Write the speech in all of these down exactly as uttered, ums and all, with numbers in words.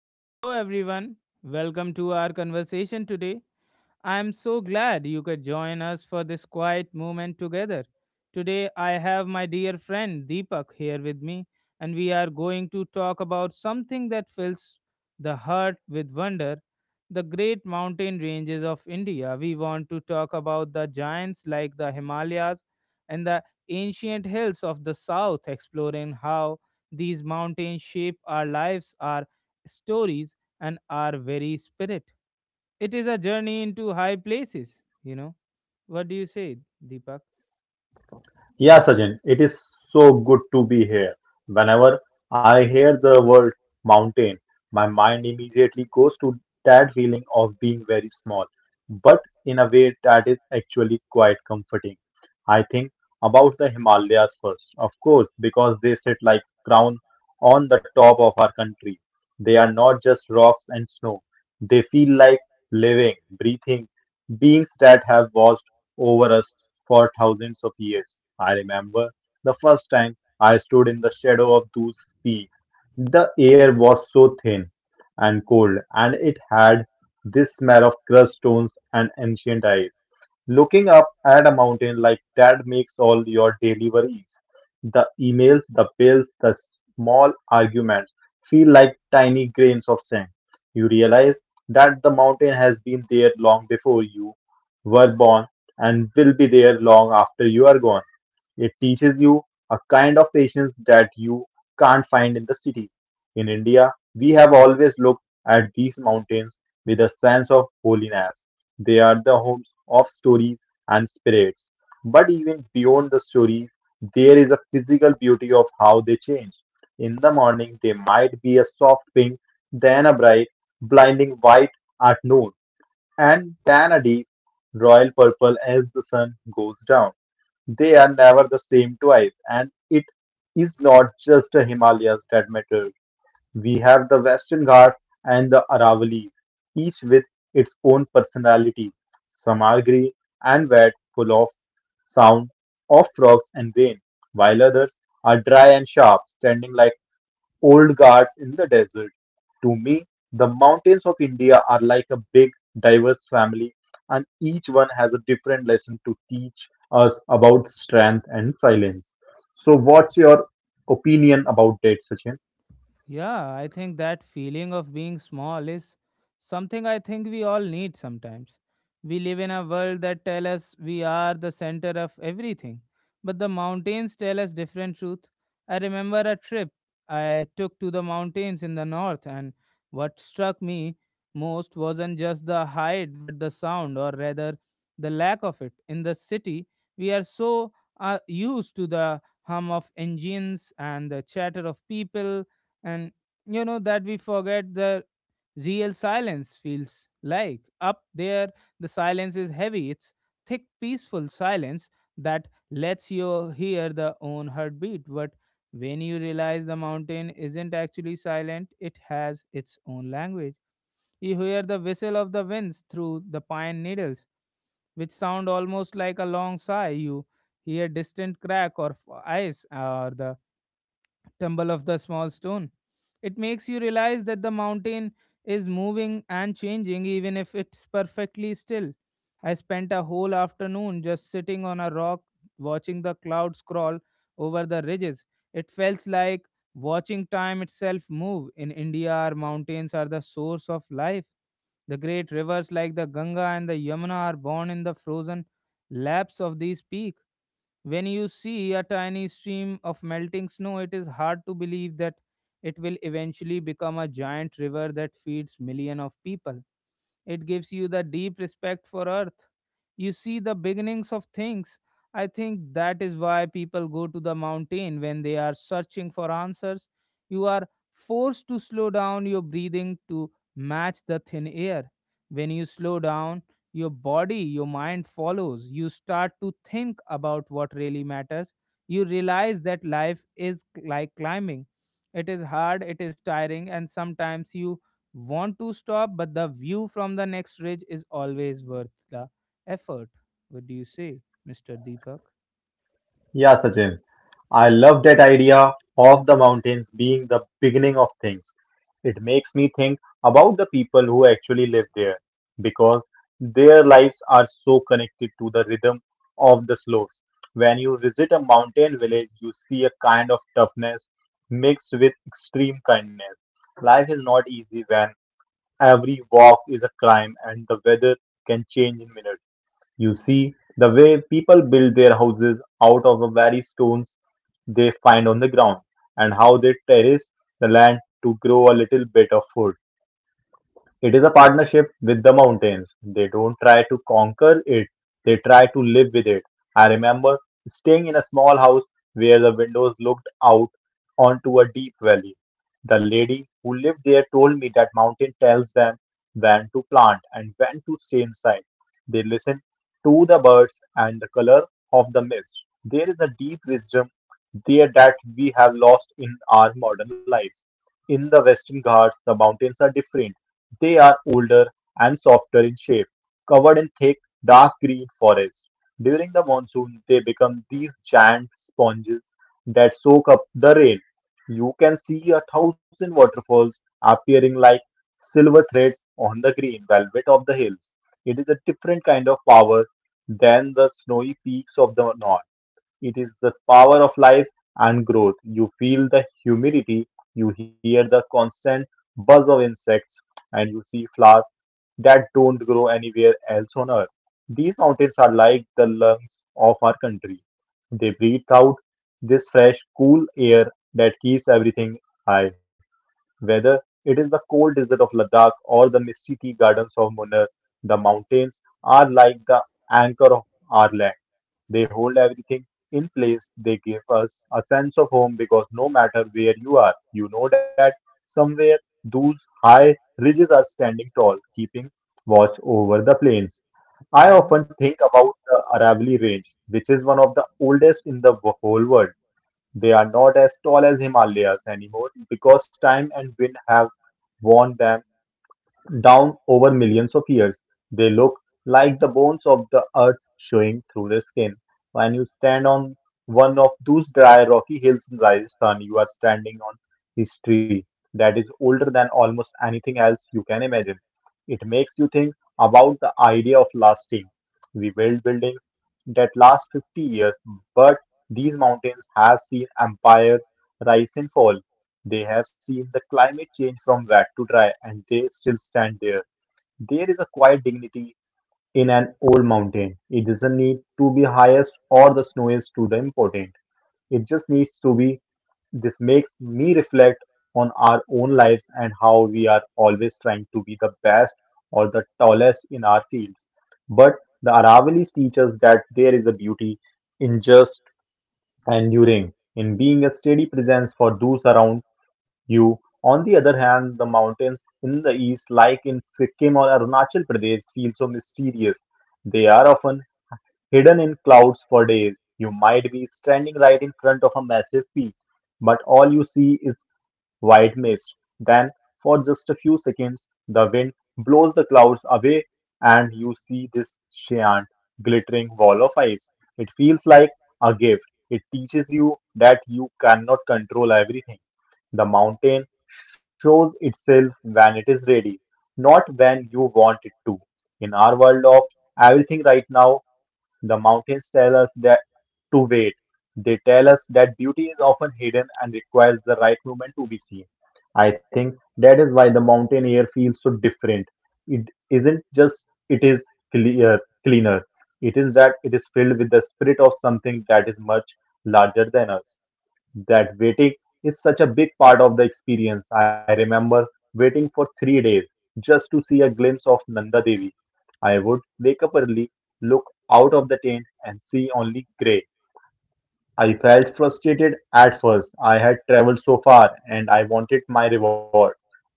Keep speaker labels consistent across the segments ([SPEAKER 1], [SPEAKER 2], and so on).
[SPEAKER 1] Hello, everyone. Welcome to our conversation today. I'm so glad you could join us for this quiet moment together. Today, I have my dear friend Deepak here with me, and we are going to talk about something that fills the heart with wonder, the great mountain ranges of India. We want to talk about the giants like the Himalayas and the ancient hills of the south, exploring how these mountains shape our lives, our stories, and our very spirit. It is a journey into high places, you know. What do you say, Deepak?
[SPEAKER 2] Yeah, Sajin, it is so good to be here. Whenever I hear the word mountain, my mind immediately goes to that feeling of being very small, but in a way that is actually quite comforting. I think about the Himalayas first, of course, because they sit like crown on the top of our country. They are not just rocks and snow. They feel like living, breathing beings that have watched over us for thousands of years. I remember the first time I stood in the shadow of those peaks. The air was so thin and cold, and it had this smell of crushed stones and ancient ice. Looking up at a mountain like that makes all your daily worries, the emails, the bills, the small arguments feel like tiny grains of sand. You realize that the mountain has been there long before you were born and will be there long after you are gone. It teaches you a kind of patience that you can't find in the city. In India, we have always looked at these mountains with a sense of holiness. They are the homes of stories and spirits. But even beyond the stories, there is a physical beauty of how they change. In the morning, they might be a soft pink, then a bright, blinding white at noon and tan a deep royal purple as the sun goes down. They are never the same twice, and it is not just the Himalayas that matter. We have the Western Ghats and the Aravallis, each with its own personality. Some are green and wet, full of sound of frogs and rain, while others are dry and sharp, standing like old guards in the desert. To me, the mountains of India are like a big, diverse family, and each one has a different lesson to teach us about strength and silence. So, what's your opinion about that, Sachin?
[SPEAKER 1] Yeah, I think that feeling of being small is something I think we all need sometimes. We live in a world that tell us we are the center of everything, but the mountains tell us different truth. I remember a trip I took to the mountains in the north, and what struck me most wasn't just the height but the sound, or rather the lack of it. In the city, we are so uh, used to the hum of engines and the chatter of people, and you know that we forget the real silence feels like up there. The silence is heavy, it's thick, peaceful silence that lets you hear the own heartbeat. But when you realize the mountain isn't actually silent, it has its own language. You hear the whistle of the winds through the pine needles, which sound almost like a long sigh. You hear distant crack or f- ice, or the tumble of the small stone. It makes you realize that the mountain is moving and changing even if it's perfectly still. I spent a whole afternoon just sitting on a rock, watching the clouds crawl over the ridges. It felt like watching time itself move. In India, our mountains are the source of life. The great rivers like the Ganga and the Yamuna are born in the frozen laps of these peaks. When you see a tiny stream of melting snow, it is hard to believe that it will eventually become a giant river that feeds millions of people. It gives you the deep respect for earth. You see the beginnings of things. I think that is why people go to the mountain when they are searching for answers. You are forced to slow down your breathing to match the thin air. When you slow down, your body, your mind follows. You start to think about what really matters. You realize that life is like climbing. It is hard, it is tiring, and sometimes you want to stop, but the view from the next ridge is always worth the effort. What do you say, Mister Deepak?
[SPEAKER 2] Yeah, Sachin. I love that idea of the mountains being the beginning of things. It makes me think about the people who actually live there because their lives are so connected to the rhythm of the slopes. When you visit a mountain village, you see a kind of toughness mixed with extreme kindness. Life is not easy when every walk is a climb and the weather can change in minutes. You see the way people build their houses out of the very stones they find on the ground and how they terrace the land to grow a little bit of food. It is a partnership with the mountains. They don't try to conquer it, they try to live with it. I remember staying in a small house where the windows looked out onto a deep valley. The lady who lived there told me that mountain tells them when to plant and when to stay inside. They listen to the birds and the color of the mist. There is a deep wisdom there that we have lost in our modern lives. In the Western Ghats, the mountains are different they are older and softer in shape, covered in thick, dark green forest. During the monsoon, they become these giant sponges that soak up the rain. You can see a thousand waterfalls appearing like silver threads on the green velvet of the hills. It is a different kind of power than the snowy peaks of the north. It is the power of life and growth. You feel the humidity, you hear the constant buzz of insects, and you see flowers that don't grow anywhere else on earth. These mountains are like the lungs of our country. They breathe out this fresh, cool air that keeps everything high. Whether it is the cold desert of Ladakh or the misty tea gardens of Munnar, the mountains are like the anchor of our land. They hold everything in place. They give us a sense of home because no matter where you are, you know that somewhere those high ridges are standing tall, keeping watch over the plains. I
[SPEAKER 1] Yeah,
[SPEAKER 2] often think about the Aravalli Range, which is one of the oldest in the wo- whole world. They are not as tall as Himalayas anymore because time and wind have worn them down over millions of years, they look like the bones of the earth showing through the skin. When you stand on one of those dry, rocky hills in Rajasthan, you are standing on history that is older than almost anything else you can imagine. It makes you think about the idea of lasting. We build buildings that last fifty years, but these mountains have seen empires rise and fall. They have seen the climate change from wet to dry and they still stand there. There is a quiet dignity in an old mountain. It doesn't need to be highest or the snowiest to the important. It just needs to be. This makes me reflect on our own lives and how we are always trying to be the best or the tallest in our fields. But the Aravali's teach us that there is a beauty in just and enduring in being a steady presence for those around you. On the other hand, the mountains in the east, like in Sikkim or Arunachal Pradesh, feel so mysterious. They are often hidden in clouds for days, you might be standing right in front of a massive peak, but all you see is white mist. Then, for just a few seconds, the wind blows the clouds away and you see this giant, glittering wall of ice. It feels like a gift. It teaches you that you cannot control everything. The mountain shows itself when it is ready, not when you want it to. In our world of everything right now, the mountains tell us that to wait. They tell us that beauty is often hidden and requires the right moment to be seen. I think that is why the mountain air feels so different. It isn't just it is clear, cleaner. It is that it is filled with the spirit of something that is much larger than us. That waiting is such a big part of the experience. I remember waiting for three days just to see a glimpse of Nanda Devi. I would wake up early, look out of the tent, and see only gray. I felt frustrated at first. I had traveled so far and I wanted my reward.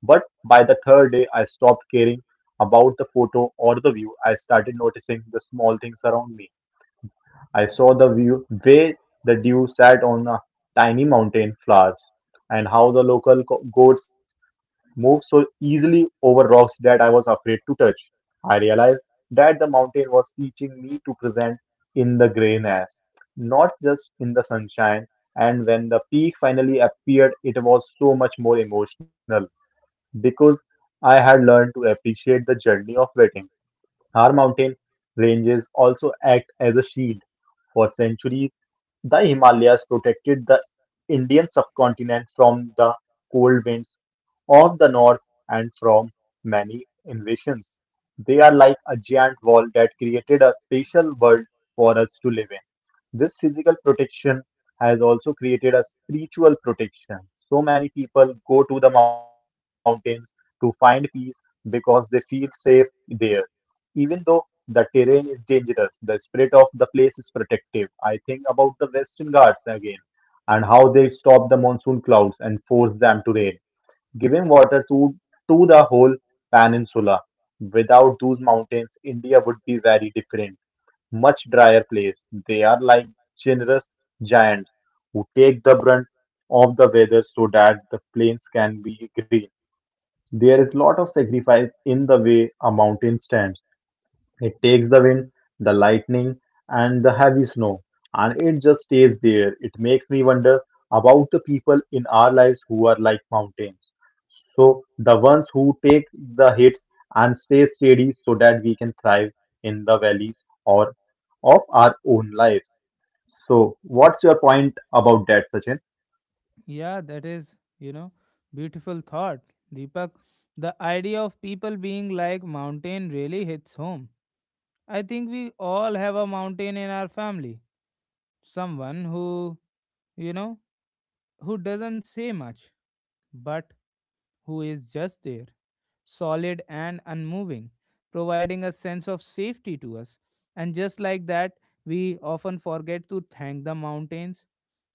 [SPEAKER 2] But by the third day, I stopped caring about the photo or the view. I started noticing the small things around me. I saw the view way the dew sat on a tiny mountain flowers and how the local co- goats moved so easily over rocks that I was afraid to touch. I realized that the mountain was teaching me to present in the grayness, not just in the sunshine. And when the peak finally appeared, it was so much more emotional because I had learned to appreciate the journey of waiting. Our mountain ranges also act as a shield. For centuries, the Himalayas protected the Indian subcontinent from the cold winds of the north and from many invasions. They are like a giant wall that created a special world for us to live in. This physical protection has also created a spiritual protection. So many people go to the mountains to find peace because they feel safe there. Even though the terrain is dangerous, the spirit of the place is protective. I think about the Western Ghats again and how they stop the monsoon clouds and force them to rain, giving water to, to the whole peninsula. Without those mountains, India would be very different, much drier place. They are like generous giants who take the brunt of the weather so that the plains can be green. There is lot of sacrifice in the way a mountain stands. It takes the wind, the lightning, and the heavy snow, and it just stays there. It makes me wonder about the people in our lives who are like mountains. So, the ones who take the hits and stay steady so that we can thrive in the valleys or of our own life. So, what's your point about that, Sachin?
[SPEAKER 1] yeah, that is, you know, beautiful thought, Deepak. The idea of people being like mountain really hits home. I think we all have a mountain in our family. Someone who, you know, who doesn't say much, but who is just there, solid and unmoving, providing a sense of safety to us. And just like that, we often forget to thank the mountains,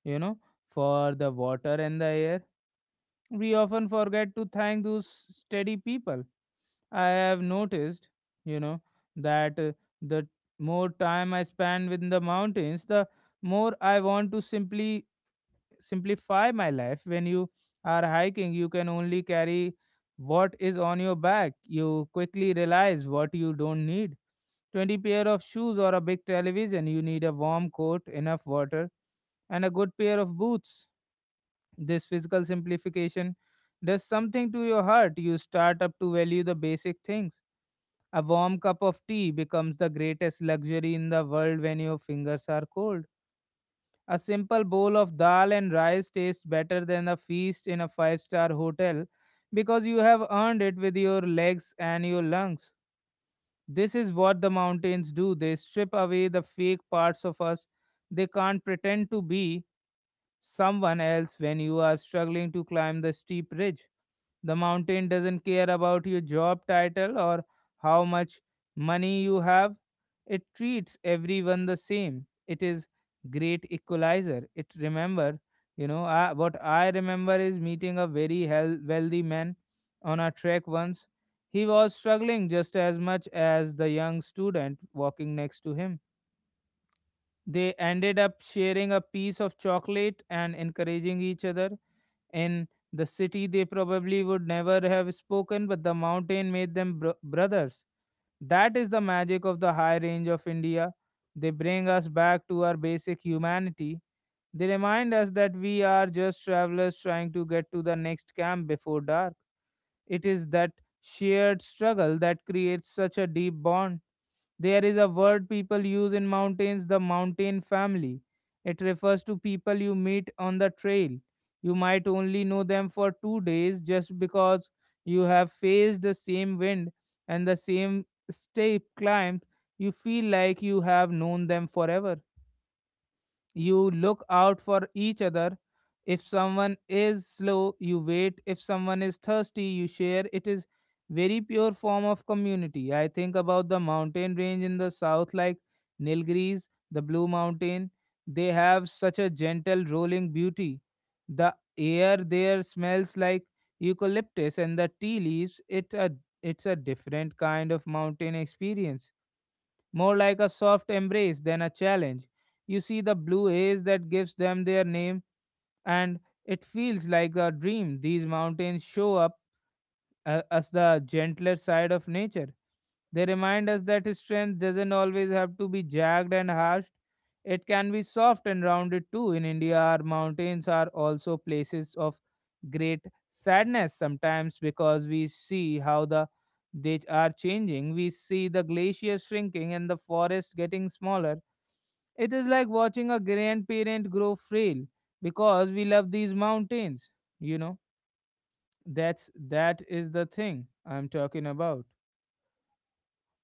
[SPEAKER 1] you know, for the water and the air. We often forget to thank those steady people. I have noticed, you know, that uh, the more time I spend within the mountains, the more I want to simply simplify my life. When you are hiking, you can only carry what is on your back. You quickly realize what you don't need. twenty pair of shoes or a big television. You need a warm coat, enough water, and a good pair of boots. This physical simplification does something to your heart. You start up to value the basic things. A warm cup of tea becomes the greatest luxury in the world when your fingers are cold. A simple bowl of dal and rice tastes better than a feast in a five star hotel because you have earned it with your legs and your lungs. This is what the mountains do, they strip away the fake parts of us. They can't pretend to be someone else when you are struggling to climb the steep ridge. The mountain doesn't care about your job title or how much money you have. It treats everyone the same. It is great equalizer. It remember, you know, I, what I remember is meeting a very hel- wealthy man on a trek once. He was struggling just as much as the young student walking next to him. They ended up sharing a piece of chocolate and encouraging each other. In the city, they probably would never have spoken, but the mountain made them bro- brothers. That is the magic of the high range of India. They bring us back to our basic humanity. They remind us that we are just travelers trying to get to the next camp before dark. It is that shared struggle that creates such a deep bond. There is a word people use in mountains, the mountain family. It refers to people you meet on the trail. You might only know them for two days, just because you have faced the same wind and the same steep climb, you feel like you have known them forever. You look out for each other. If someone is slow, you wait. If someone is thirsty, you share. It is very pure form of community. I think about the mountain range in the south like Nilgiris, the Blue Mountain. They have such a gentle rolling beauty. The air there smells like eucalyptus and the tea leaves. It a, it's a different kind of mountain experience, more like a soft embrace than a challenge. You see the blue haze that gives them their name, and it feels like a dream. These mountains show up uh, as the gentler side of nature. They remind us that strength doesn't always have to be jagged and harsh. It can be soft and rounded too. In India, our mountains are also places of great sadness sometimes because we see how the they are changing. We see the glaciers shrinking and the forests getting smaller. It is like watching a grandparent grow frail because we love these mountains. You know, that's that is the thing I'm talking about.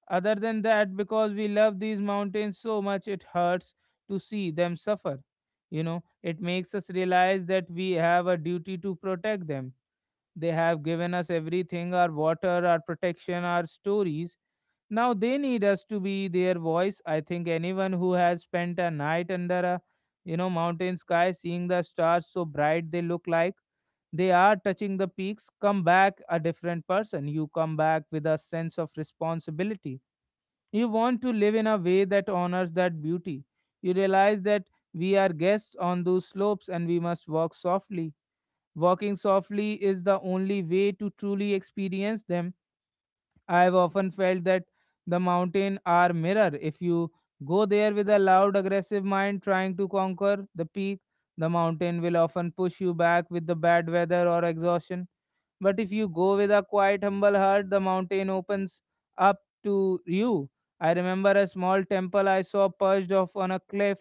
[SPEAKER 1] Other than that, because we love these mountains so much, it hurts to see them suffer. You know, it makes us realize that we have a duty to protect them. They have given us everything, our water, our protection, our stories. Now they need us to be their voice. I think anyone who has spent a night under a, you know, mountain sky, seeing the stars so bright they look like they are touching the peaks, come back a different person. You come back with a sense of responsibility. You want to live in a way that honors that beauty. You realize that we are guests on those slopes and we must walk softly. Walking softly is the only way to truly experience them. I have often felt that the mountain are mirror. If you go there with a loud, aggressive mind trying to conquer the peak, the mountain will often push you back with the bad weather or exhaustion. But if you go with a quiet, humble heart, the mountain opens up to you. I remember a small temple I saw perched off on a cliff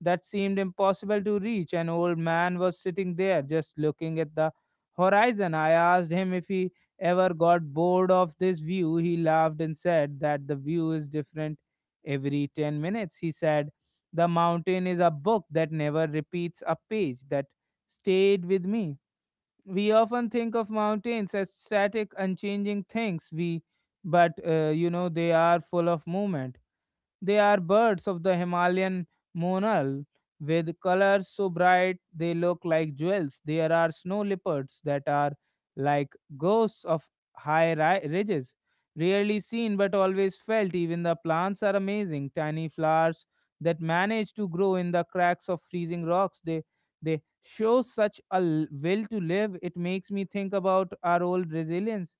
[SPEAKER 1] that seemed impossible to reach. An old man was sitting there just looking at the horizon. I asked him if he ever got bored of this view. He laughed and said that the view is different every ten minutes. He said, the mountain is a book that never repeats a page. That stayed with me. We often think of mountains as static, unchanging things, we but uh, you know, they are full of movement. They are birds of the Himalayan monal with colors so bright they look like jewels. There are snow leopards that are like ghosts of high ri- ridges, rarely seen but always felt. Even the plants are amazing, tiny flowers that manage to grow in the cracks of freezing rocks. They they show such a l- will to live. It makes me think about our old resilience.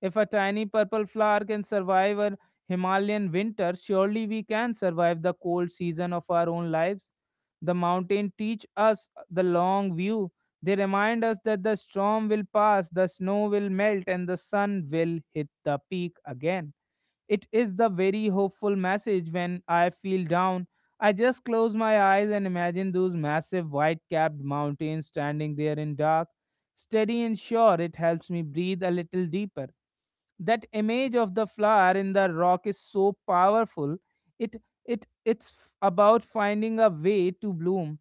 [SPEAKER 1] If a tiny purple flower can survive a Himalayan winter, surely we can survive the cold season of our own lives. The mountain teach us the long view. They remind us that the storm will pass, the snow will melt, and the sun will hit the peak again. It is the very hopeful message when I feel down. I just close my eyes and imagine those massive white capped mountains standing there in dark. Steady and sure, it helps me breathe a little deeper. That image of the flower in the rock is so powerful. It it it's f- about finding a way to bloom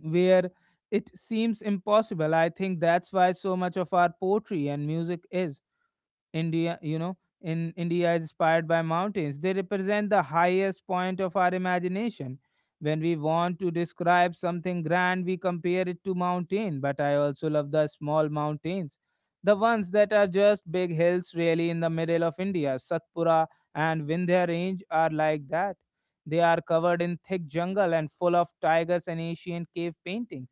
[SPEAKER 1] where it seems impossible. I think that's why so much of our poetry and music is India, you know, in India is inspired by mountains. They represent the highest point of our imagination. When we want to describe something grand, we compare it to mountain. But I also love the small mountains, the ones that are just big hills, really, in the middle of India. Satpura and Vindhya Range are like that. They are covered in thick jungle and full of tigers and ancient cave paintings.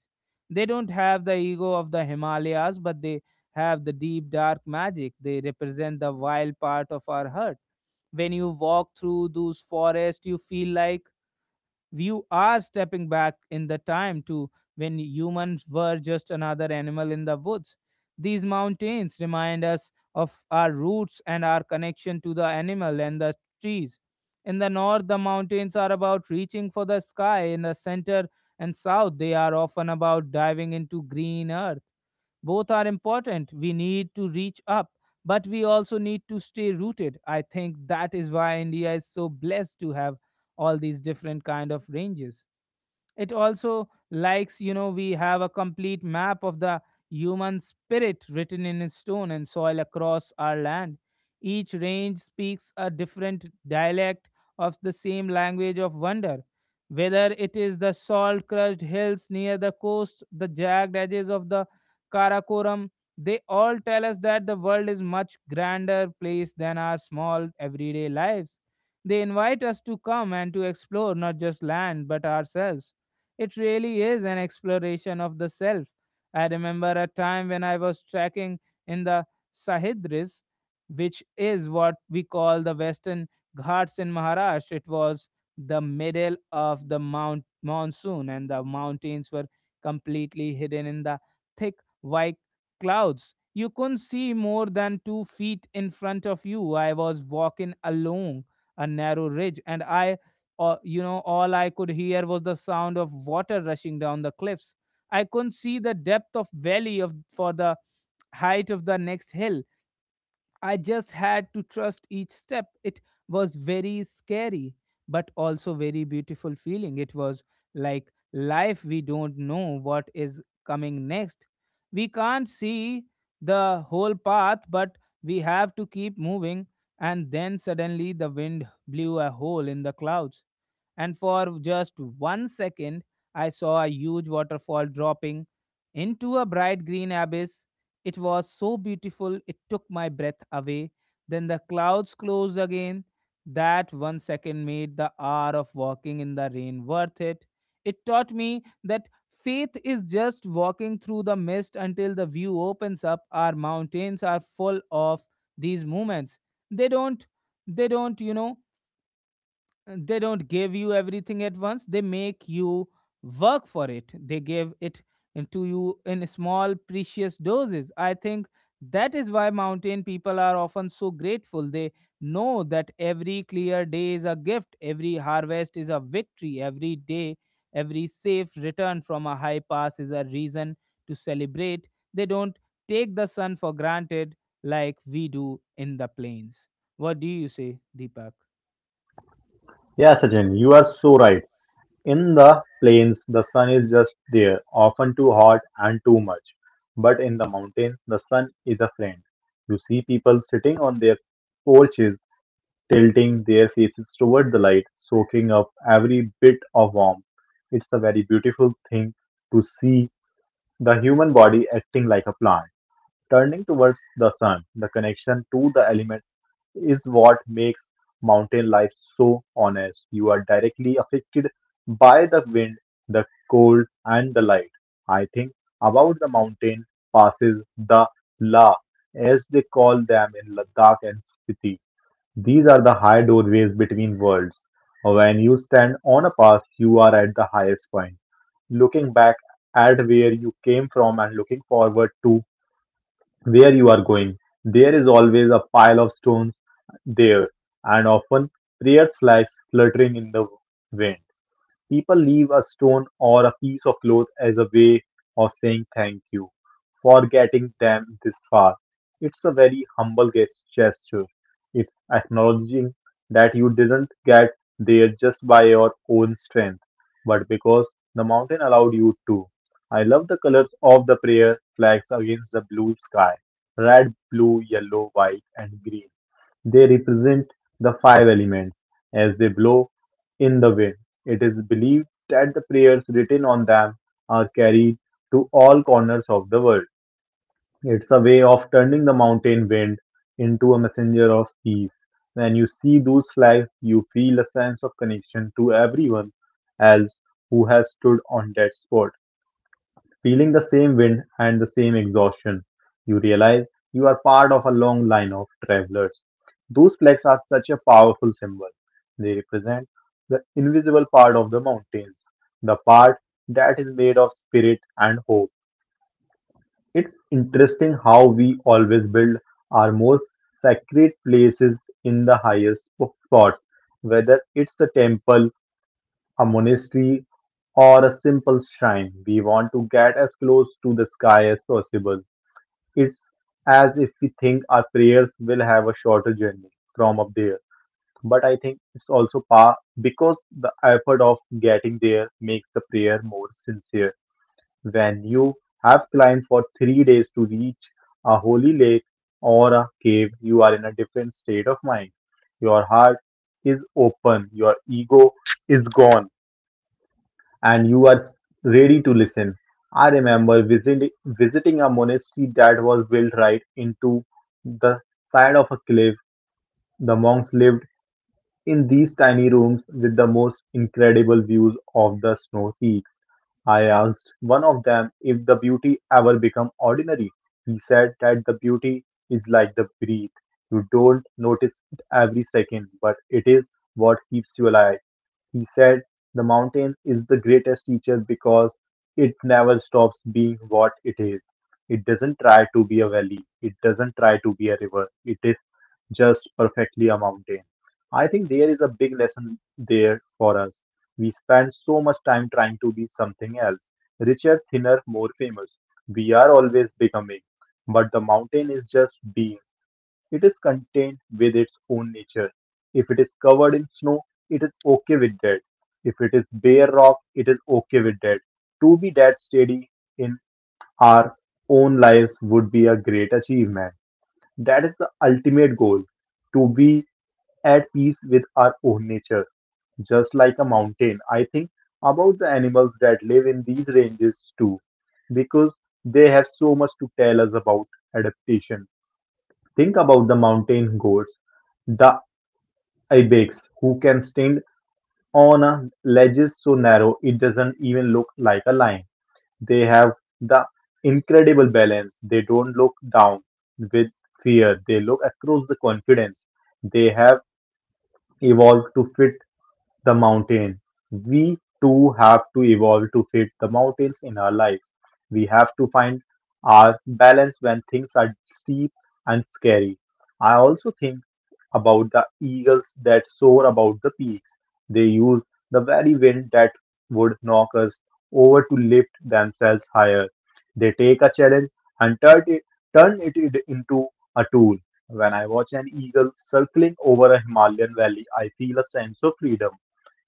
[SPEAKER 1] They don't have the ego of the Himalayas, but they have the deep dark magic. They represent the wild part of our heart. When you walk through those forests, you feel like you are stepping back in the time to when humans were just another animal in the woods. These mountains remind us of our roots and our connection to the animal and the trees. In the north, the mountains are about reaching for the sky. In the center and south, they are often about diving into green earth. Both are important. We need to reach up, but we also need to stay rooted. I think that is why India is so blessed to have all these different kind of ranges. It also likes you know we have a complete map of the human spirit written in stone and soil across our land. Each range speaks a different dialect of the same language of wonder, whether it is the salt crushed hills near the coast, the jagged edges of the Karakoram. They all tell us that the world is much grander place than our small everyday lives. They invite us to come and to explore not just land but ourselves. It really is an exploration of the self. I remember a time when I was trekking in the Sahidris, which is what we call the Western Ghats in Maharashtra. It was the middle of the mount monsoon, and the mountains were completely hidden in the thick white clouds. You couldn't see more than two feet in front of you. I was walking along a narrow ridge, and I or, you know, all I could hear was the sound of water rushing down the cliffs. I couldn't see the depth of valley of for the height of the next hill. I just had to trust each step. It was very scary, but also very beautiful feeling. It was like life, we don't know what is coming next. We can't see the whole path, but we have to keep moving. And then suddenly the wind blew a hole in the clouds. And for just one second, I saw a huge waterfall dropping into a bright green abyss. It was so beautiful, it took my breath away. Then the clouds closed again. That one second made the hour of walking in the rain worth it. It taught me that faith is just walking through the mist until the view opens up. Our mountains are full of these moments. They don't, they don't, you know uh, they don't give you everything at once. They make you work for it. They give it in- to you in small precious doses. I think that is why mountain people are often so grateful. They know that every clear day is a gift, every harvest is a victory, every day every safe return from a high pass is a reason to celebrate. They don't take the sun for granted like we do in the plains. What do you say, Deepak?
[SPEAKER 2] Yeah, Sachin, you are so right. In the plains, the sun is just there, often too hot and too much. But in the mountains, the sun is a friend. You see people sitting on their porches, tilting their faces toward the light, soaking up every bit of warmth. It's a very beautiful thing to see the human body acting like a plant. Turning towards the sun, the connection to the elements is what makes mountain life so honest. You are directly affected by the wind, the cold, and the light. I think about the mountain passes, the la, as they call them in Ladakh and Spiti. These are the high doorways between worlds. When you stand on a pass, you are at the highest point, looking back at where you came from and looking forward to where you are going. There is always a pile of stones there, and often prayers flags fluttering in the wind. People leave a stone or a piece of cloth as a way of saying thank you for getting them this far. It's a very humble ges- gesture. It's acknowledging that you didn't get there just by your own strength, but because the mountain allowed you to. I love the colors of the prayer flags against the blue sky: red, blue, yellow, white, and green. They represent the five elements as they blow in the wind. It is believed that the prayers written on them are carried to all corners of the world. It's a way of turning the mountain wind into a messenger of peace. When you see those flags, you feel a sense of connection to everyone else who has stood on that spot. Feeling the same wind and the same exhaustion, you realize you are part of a long line of travelers. Those flags are such a powerful symbol. They represent the invisible part of the mountains, the part that is made of spirit and hope. It's interesting how we always build our most sacred places in the highest spots, whether it's a temple, a monastery, or a simple shrine. We want to get as close to the sky as possible. It's as if we think our prayers will have a shorter journey from up there. But I think it's also par because the effort of getting there makes the prayer more sincere. When you have climbed for three days to reach a holy lake or a cave, you are in a different state of mind. Your heart is open, your ego is gone, and you are ready to listen. I remember visit, visiting a monastery that was built right into the side of a cliff. The monks lived in these tiny rooms with the most incredible views of the snow peaks. I asked one of them if the beauty ever become ordinary. He said that the beauty is like the breath. You don't notice it every second, but it is what keeps you alive. He said, "The mountain is the greatest teacher because it never stops being what it is. It doesn't try to be a valley. It doesn't try to be a river. It is just perfectly a mountain." I think there is a big lesson there for us. We spend so much time trying to be something else: richer, thinner, more famous. We are always becoming, but the mountain is just being. It is contained with its own nature. If it is covered in snow, it is okay with that. If it is bare rock, it is okay with that. To be that steady in our own lives would be a great achievement. That is the ultimate goal, to be at peace with our own nature, just like a mountain. I think about the animals that live in these ranges too, because they have so much to tell us about adaptation. Think about the mountain goats, the ibex, who can stand on a ledge so narrow it doesn't even look like a line. They have the incredible balance. They don't look down with fear. They look across the confidence. They have evolved to fit the mountain. We too have to evolve to fit the mountains in our lives. We have to find our balance when things are steep and scary. I also think about the eagles that soar about the peaks. They use the very wind that would knock us over to lift themselves higher. They take a challenge and turn it, turn it in- into a tool. When I watch an eagle circling over a Himalayan valley, I feel a sense of freedom.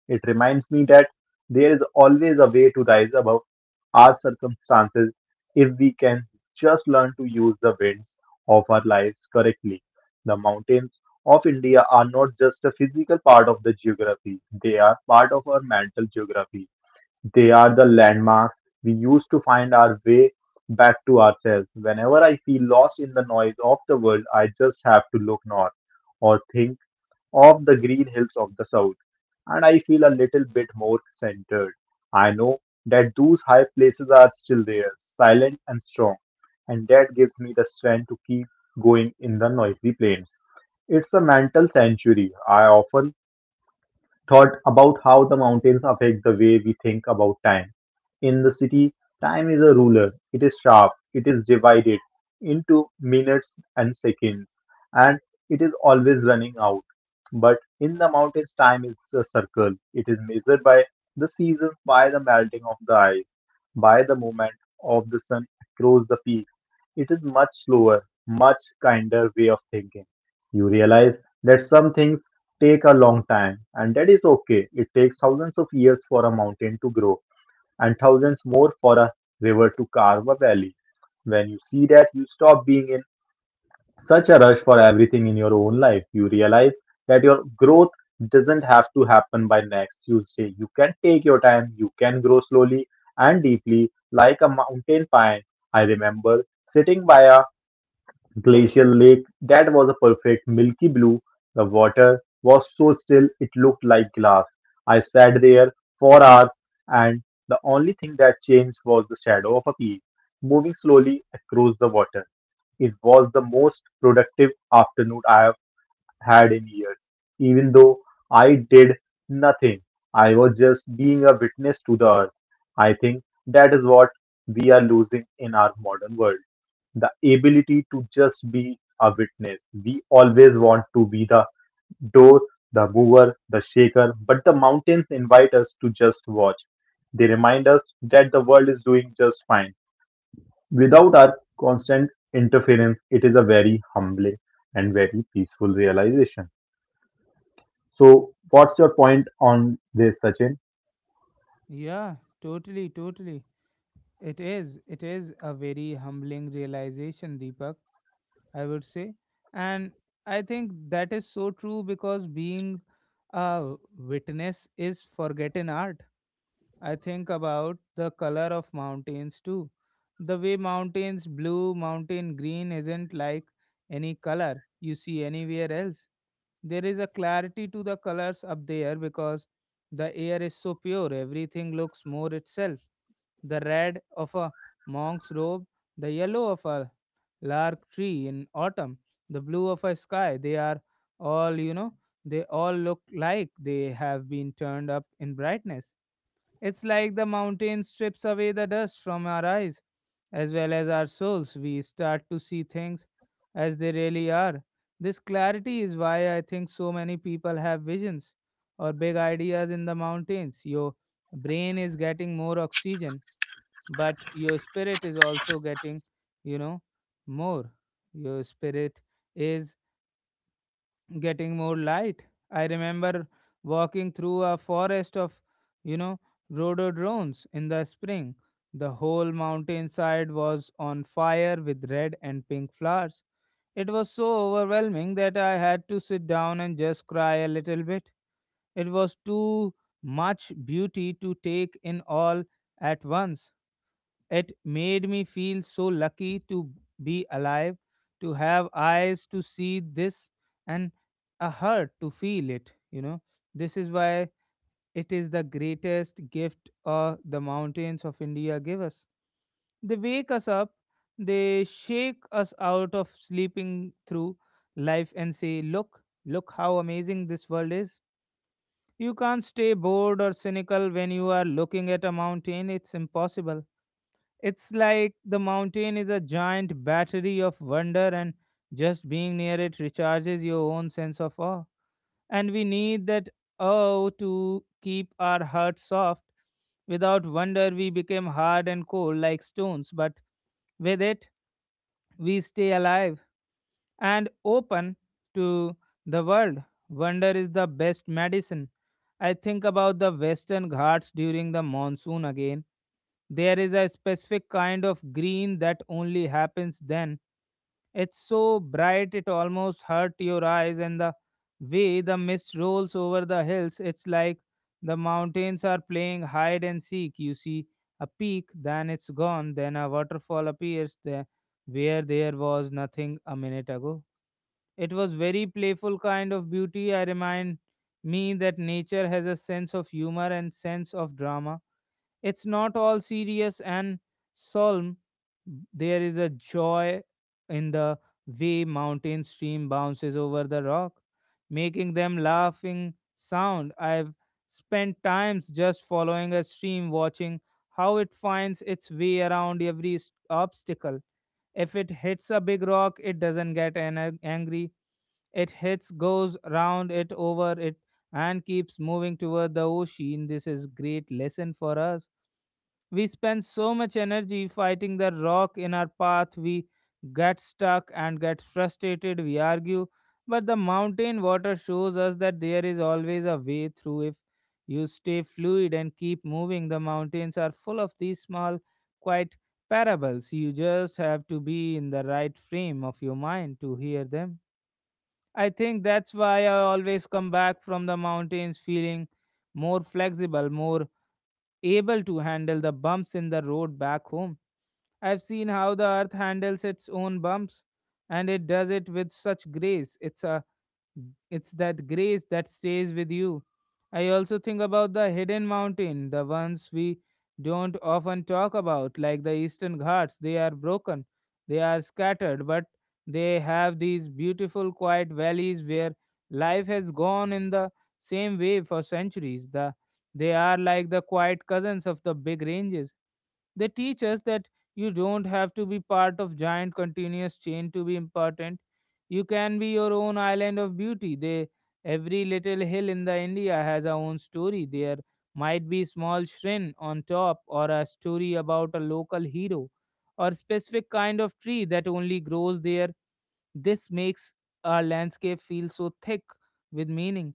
[SPEAKER 2] It reminds me that there is always a way to rise above our circumstances if we can just learn to use the winds of our lives correctly. The mountains of India are not just a physical part of the geography, they are part of our mental geography. They are the landmarks we use to find our way back to ourselves. Whenever I feel lost in the noise of the world, I just have to look north or think of the green hills of the south, and I feel a little bit more centered. I know that those high places are still there, silent and strong, and that gives me the strength to keep going in the noisy plains. It's a mental sanctuary. I often thought about how the mountains affect the way we think about time. In the city, time is a ruler. It is sharp. It is divided into minutes and seconds, and it is always running out. But in the mountains, time is a circle. It is measured by the seasons, by the melting of the ice, by the movement of the sun across the peaks. It is much slower, much kinder way of thinking. You realize that some things take a long time, and that is okay. It takes thousands of years for a mountain to grow, and thousands more for a river to carve a valley. When you see that, you stop being in such a rush for everything in your own life. You realize that your growth doesn't have to happen by next Tuesday. You can take your time, you can grow slowly and deeply, like a mountain pine. I remember sitting by a Glacial Lake, that was a perfect milky blue. The water was so still it looked like glass. I sat there for hours, and the only thing that changed was the shadow of a peak moving slowly across the water. It was the most productive afternoon I have had in years. Even though I did nothing, I was just being a witness to the earth. I think that is what we are losing in our modern world: the ability to just be a witness. We always want to be the door, the mover, the shaker, but the mountains invite us to just watch. They remind us that the world is doing just fine. Without our constant interference, it is a very humbling and very peaceful realization. So, what's your point on this, Sachin?
[SPEAKER 1] Yeah, totally, totally. It is. It is a very humbling realization, Deepak, I would say. And I think that is so true because being a witness is forgotten art. I think about the color of mountains too. The way mountains blue, mountain green isn't like any color you see anywhere else. There is a clarity to the colors up there because the air is so pure, everything looks more itself. The red of a monk's robe, the yellow of a lark tree in autumn, the blue of a sky, they are all, you know, they all look like they have been turned up in brightness. It's like the mountain strips away the dust from our eyes as well as our souls. We start to see things as they really are. This clarity is why I think so many people have visions or big ideas in the mountains. Your brain is getting more oxygen, but your spirit is also getting, you know, more. Your spirit is getting more light. I remember walking through a forest of, you know, rhododendrons in the spring. The whole mountainside was on fire with red and pink flowers. It was so overwhelming that I had to sit down and just cry a little bit. It was too much beauty to take in all at once. It made me feel so lucky to be alive, to have eyes to see this and a heart to feel it, you know. This is why it is the greatest gift uh, the mountains of India give us. They wake us up, they shake us out of sleeping through life and say, "Look, look how amazing this world is." You can't stay bored or cynical when you are looking at a mountain, it's impossible. It's like the mountain is a giant battery of wonder, and just being near it recharges your own sense of awe. And we need that awe to keep our hearts soft. Without wonder, we become hard and cold like stones, but with it, we stay alive and open to the world. Wonder is the best medicine. I think about the Western Ghats during the monsoon again. There is a specific kind of green that only happens then. It's so bright it almost hurt your eyes, and the way the mist rolls over the hills, it's like the mountains are playing hide and seek. You see a peak, then it's gone, then a waterfall appears there where there was nothing a minute ago. It was very playful kind of beauty. I remind me that nature has a sense of humor and sense of drama. It's not all serious and solemn. There is a joy in the way mountain stream bounces over the rock, making them laughing sound. I've spent times just following a stream, watching how it finds its way around every s- obstacle. If it hits a big rock, it doesn't get an- angry. It hits, goes round it, over it, and keeps moving toward the ocean. This is great lesson for us. We spend so much energy fighting the rock in our path, we get stuck and get frustrated, we argue. But the mountain water shows us that there is always a way through if you stay fluid and keep moving. The mountains are full of these small, quiet parables. You just have to be in the right frame of your mind to hear them. I think that's why I always come back from the mountains feeling more flexible, more able to handle the bumps in the road back home. I've seen how the earth handles its own bumps and it does it with such grace. It's a it's that grace that stays with you. I also think about the hidden mountain, the ones we don't often talk about, like the Eastern Ghats. They are broken, they are scattered, but they have these beautiful, quiet valleys where life has gone in the same way for centuries. The, they are like the quiet cousins of the big ranges. They teach us that you don't have to be part of giant continuous chain to be important. You can be your own island of beauty. They, every little hill in the India has a own story. There might be small shrine on top, or a story about a local hero, or specific kind of tree that only grows there. This makes our landscape feel so thick with meaning.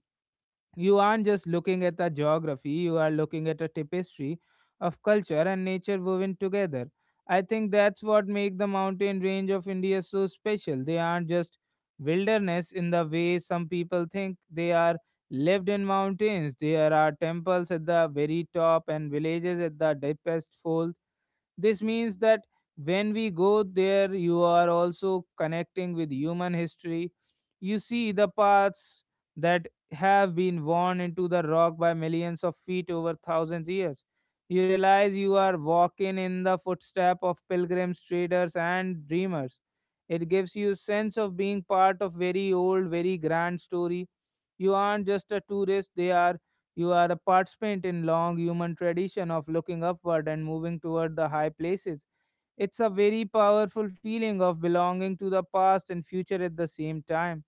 [SPEAKER 1] You aren't just looking at the geography, you are looking at a tapestry of culture and nature woven together. I think that's what makes the mountain range of India so special. They aren't just wilderness in the way some people think, they are lived in mountains. There are temples at the very top and villages at the deepest folds. This means that when we go there, you are also connecting with human history. You see the paths that have been worn into the rock by millions of feet over thousands years. You realize you are walking in the footstep of pilgrims, traders, and dreamers. It gives you sense of being part of very old, very grand story. You aren't just a tourist; they are you are a participant in long human tradition of looking upward and moving toward the high places. It's a very powerful feeling of belonging to the past and future at the same time.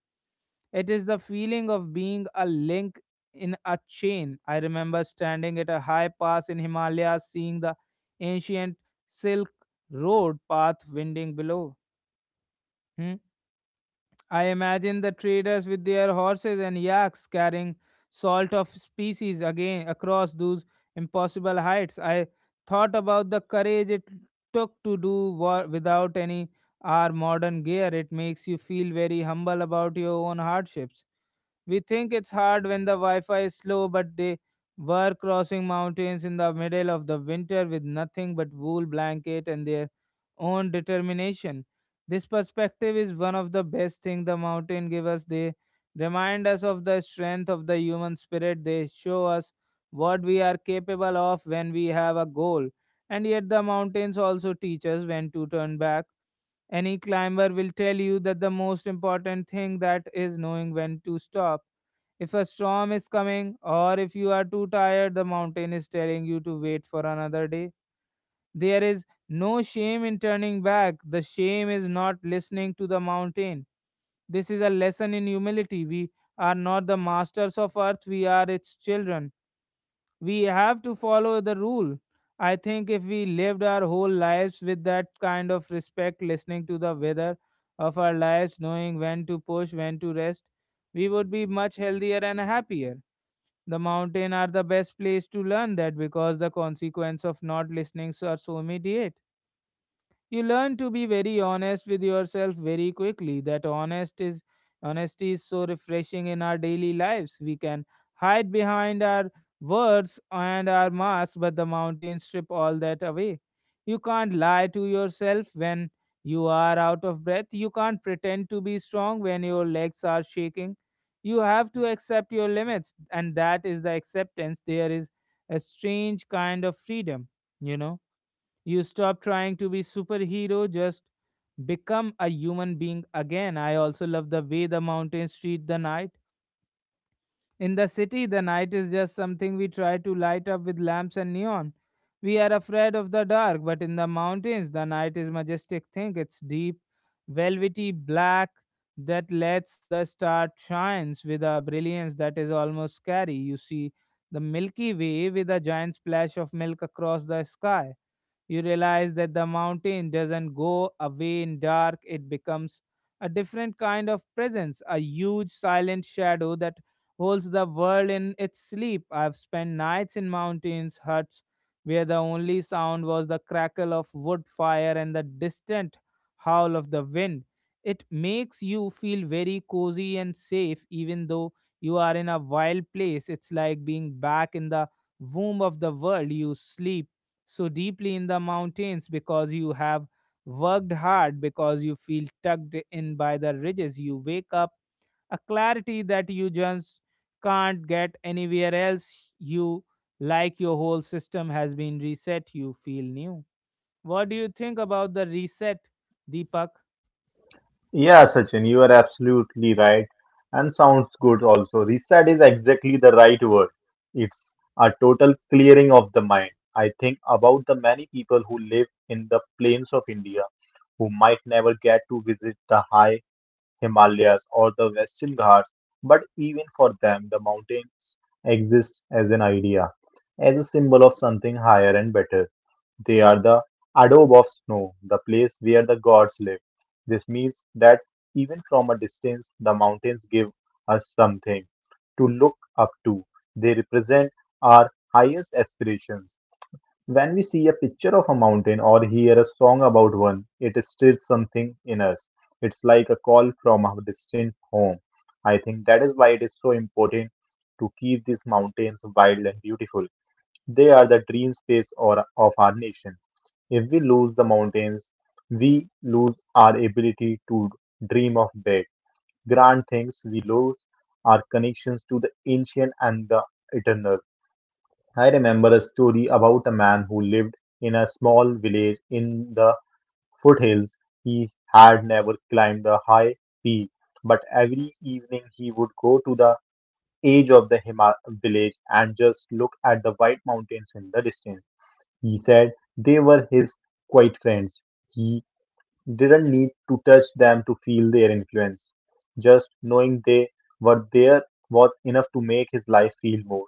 [SPEAKER 1] It is the feeling of being a link in a chain. I remember standing at a high pass in Himalayas, seeing the ancient silk road path winding below. Hmm. I imagine the traders with their horses and yaks carrying salt of species again across those impossible heights. I thought about the courage it took to do war without any our modern gear. It makes you feel very humble about your own hardships. We think it's hard when the Wi Fi is slow, but they were crossing mountains in the middle of the winter with nothing but wool blanket and their own determination. This perspective is one of the best thing the mountain give us. They remind us of the strength of the human spirit. They show us what we are capable of when we have a goal. And yet the mountains also teach us when to turn back. Any climber will tell you that the most important thing that is knowing when to stop. If a storm is coming or if you are too tired, the mountain is telling you to wait for another day, there is no shame in turning back. The shame is not listening to the mountain. This is a lesson in humility. We are not the masters of earth, we are its children. We have to follow the rule. I think if we lived our whole lives with that kind of respect, listening to the weather of our lives, knowing when to push, when to rest, we would be much healthier and happier. The mountain are the best place to learn that because the consequence of not listening are so immediate, you learn to be very honest with yourself very quickly. That honest is Honesty is so refreshing in our daily lives. We can hide behind our words and our masks, but the mountains strip all that away. You can't lie to yourself when you are out of breath. You can't pretend to be strong when your legs are shaking. You have to accept your limits, and that is the acceptance. There is a strange kind of freedom, you know, you stop trying to be superhero, just become a human being again. I also love the way the mountains treat the night. In the city, the night is just something we try to light up with lamps and neon. We are afraid of the dark, but in the mountains, the night is majestic thing. It's deep, velvety black that lets the star shines with a brilliance that is almost scary. You see the Milky Way with a giant splash of milk across the sky. You realize that the mountain doesn't go away in dark, it becomes a different kind of presence, a huge silent shadow that holds the world in its sleep. I've spent nights in mountains, huts, where the only sound was the crackle of wood fire and the distant howl of the wind. It makes you feel very cozy and safe, even though you are in a wild place. It's like being back in the womb of the world. You sleep so deeply in the mountains because you have worked hard, because you feel tugged in by the ridges. You wake up a clarity that you just can't get anywhere else. You, like your whole system has been reset, you feel new. What do you think about the reset, Deepak?
[SPEAKER 2] Yeah, Sachin, you are absolutely right. And sounds good also. Reset is exactly the right word. It's a total clearing of the mind. I think about the many people who live in the plains of India who might never get to visit the high Himalayas or the Western Ghats, but even for them, the mountains exist as an idea, as a symbol of something higher and better. They are the adobe of snow, the place where the gods live. This means that even from a distance, the mountains give us something to look up to. They represent our highest aspirations. When we see a picture of a mountain or hear a song about one, it stirs something in us. It's like a call from a distant home. I think that is why it is so important to keep these mountains wild and beautiful. They are the dream space or, of our nation. If we lose the mountains, we lose our ability to dream of big, grand things. We lose our connections to the ancient and the eternal. I remember a story about a man who lived in a small village in the foothills. He had never climbed a high peak, but every evening he would go to the edge of the Hima village and just look at the white mountains in the distance. He said they were his quiet friends. He didn't need to touch them to feel their influence. Just knowing they were there was enough to make his life feel more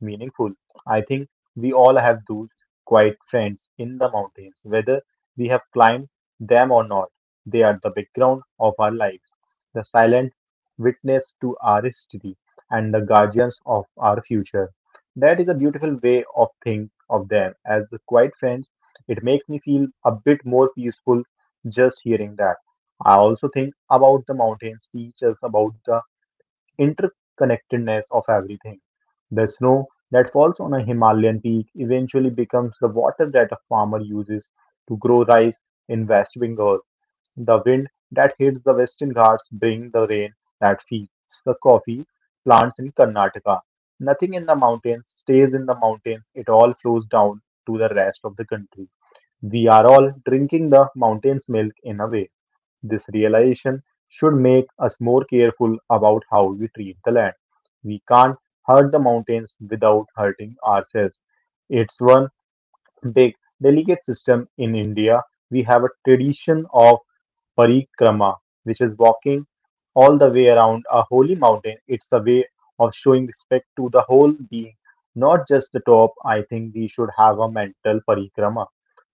[SPEAKER 2] meaningful. I think we all have those quiet friends in the mountains, whether we have climbed them or not. They are the background of our lives, the silent witness to our history, and the guardians of our future. That is a beautiful way of think of them as the quiet friends. It makes me feel a bit more peaceful just hearing that. I also think about the mountains teach us about the interconnectedness of everything. The snow that falls on a Himalayan peak eventually becomes the water that a farmer uses to grow rice in West Bengal. The wind that hits the Western Ghats brings the rain that feeds the coffee plants in Karnataka. Nothing in the mountains stays in the mountains, it all flows down to the rest of the country. We are all drinking the mountain's milk in a way. This realization should make us more careful about how we treat the land. We can't hurt the mountains without hurting ourselves. It's one big, delicate system in India. We have a tradition of parikrama, which is walking all the way around a holy mountain. It's a way of showing respect to the whole being, not just the top. I think we should have a mental parikrama.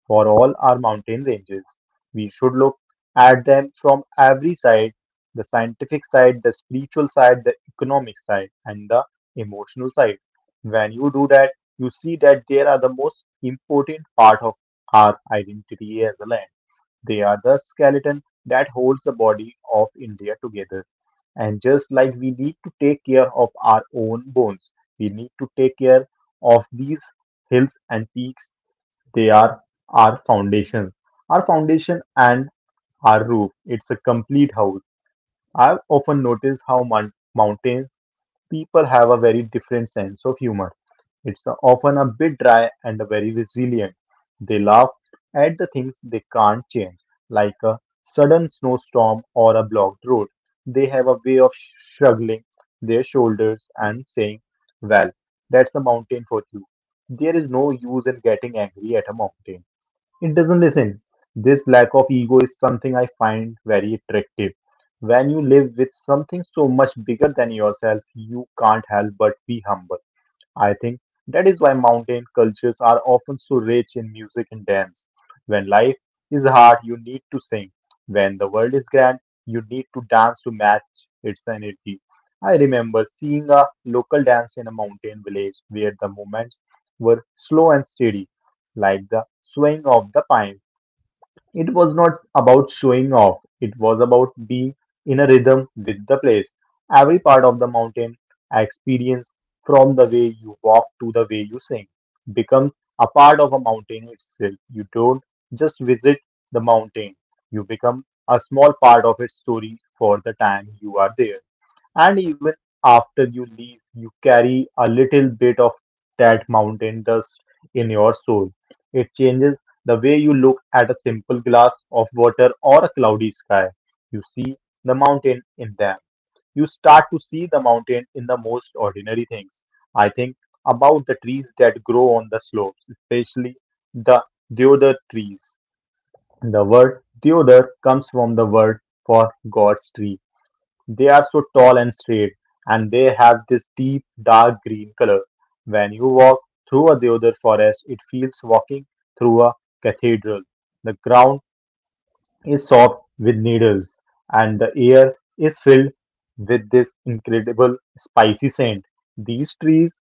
[SPEAKER 2] For all our mountain ranges, we should look at them from every side: the scientific side, the spiritual side, the economic side, and the emotional side. When you do that, you see that they are the most important part of our identity as a land. They are the skeleton that holds the body of India together. And just like we need to take care of our own bones, we need to take care of these hills and peaks. They are our foundation, our foundation and our roof. It's a complete house. I've often noticed how moun- mountains people have a very different sense of humor. It's a- often a bit dry and a very resilient. They laugh at the things they can't change, like a sudden snowstorm or a blocked road. They have a way of sh- shrugging their shoulders and saying, "Well, that's a mountain for you." There is no use in getting angry at a mountain. It doesn't listen. This lack of ego is something I find very attractive. When you live with something so much bigger than yourself, you can't help but be humble. I think that is why mountain cultures are often so rich in music and dance. When life is hard, you need to sing. When the world is grand, you need to dance to match its energy. I remember seeing a local dance in a mountain village where the movements were slow and steady, like the swaying of the pine. It was not about showing off, it was about being in a rhythm with the place. Every part of the mountain I experience, from the way you walk to the way you sing, becomes a part of a mountain itself. You don't just visit the mountain, you become a small part of its story for the time you are there. And even after you leave, you carry a little bit of that mountain dust in your soul. It changes the way you look at a simple glass of water or a cloudy sky. You see the mountain in them. You start to see the mountain in the most ordinary things. I think about the trees that grow on the slopes, especially the deodar trees. The word deodar comes from the word for God's tree. They are so tall and straight, and they have this deep, dark green color. When you walk through a deodar forest, it feels walking through a cathedral. The ground is soft with needles, and the air is filled with this incredible spicy scent. These trees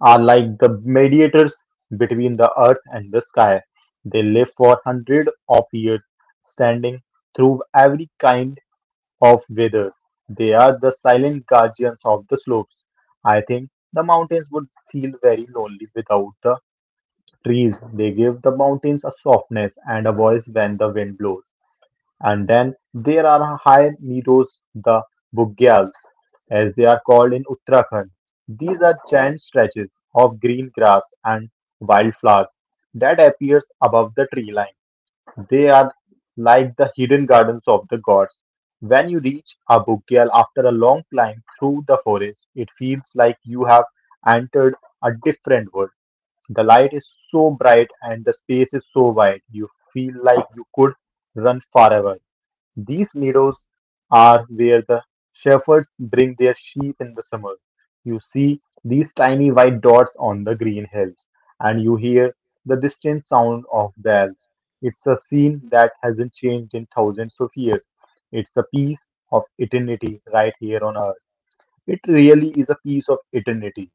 [SPEAKER 2] are like the mediators between the earth and the sky. They live for hundreds of years, standing through every kind of weather. They are the silent guardians of the slopes. I think the mountains would feel very lonely without the trees. They give the mountains a softness and a voice when the wind blows. And then there are high meadows, the bugyals, as they are called in Uttarakhand. These are giant stretches of green grass and wildflowers that appears above the tree line. They are like the hidden gardens of the gods. When you reach Abugyal after a long climb through the forest, it feels like you have entered a different world. The light is so bright and the space is so wide, you feel like you could run forever. These meadows are where the shepherds bring their sheep in the summer. You see these tiny white dots on the green hills, and you hear the distant sound of bells. It's a scene that hasn't changed in thousands of years. It's a piece of eternity right here on earth. It really is a piece of eternity.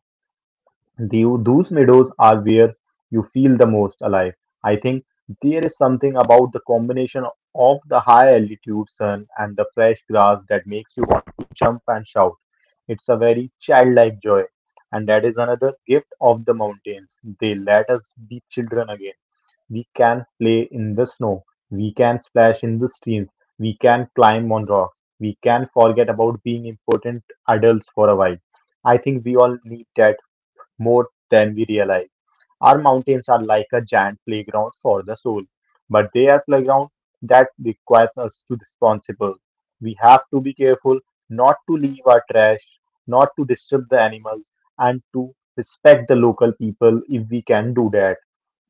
[SPEAKER 2] The, those meadows are where you feel the most alive. I think there is something about the combination of the high altitude sun and the fresh grass that makes you jump and shout. It's a very childlike joy. And that is another gift of the mountains. They let us be children again. We can play in the snow. We can splash in the streams. We can climb on rocks. We can forget about being important adults for a while. I think we all need that more than we realize. Our mountains are like a giant playground for the soul, but they are playground that requires us to be responsible. We have to be careful not to leave our trash, not to disturb the animals, and to respect the local people if we can do that.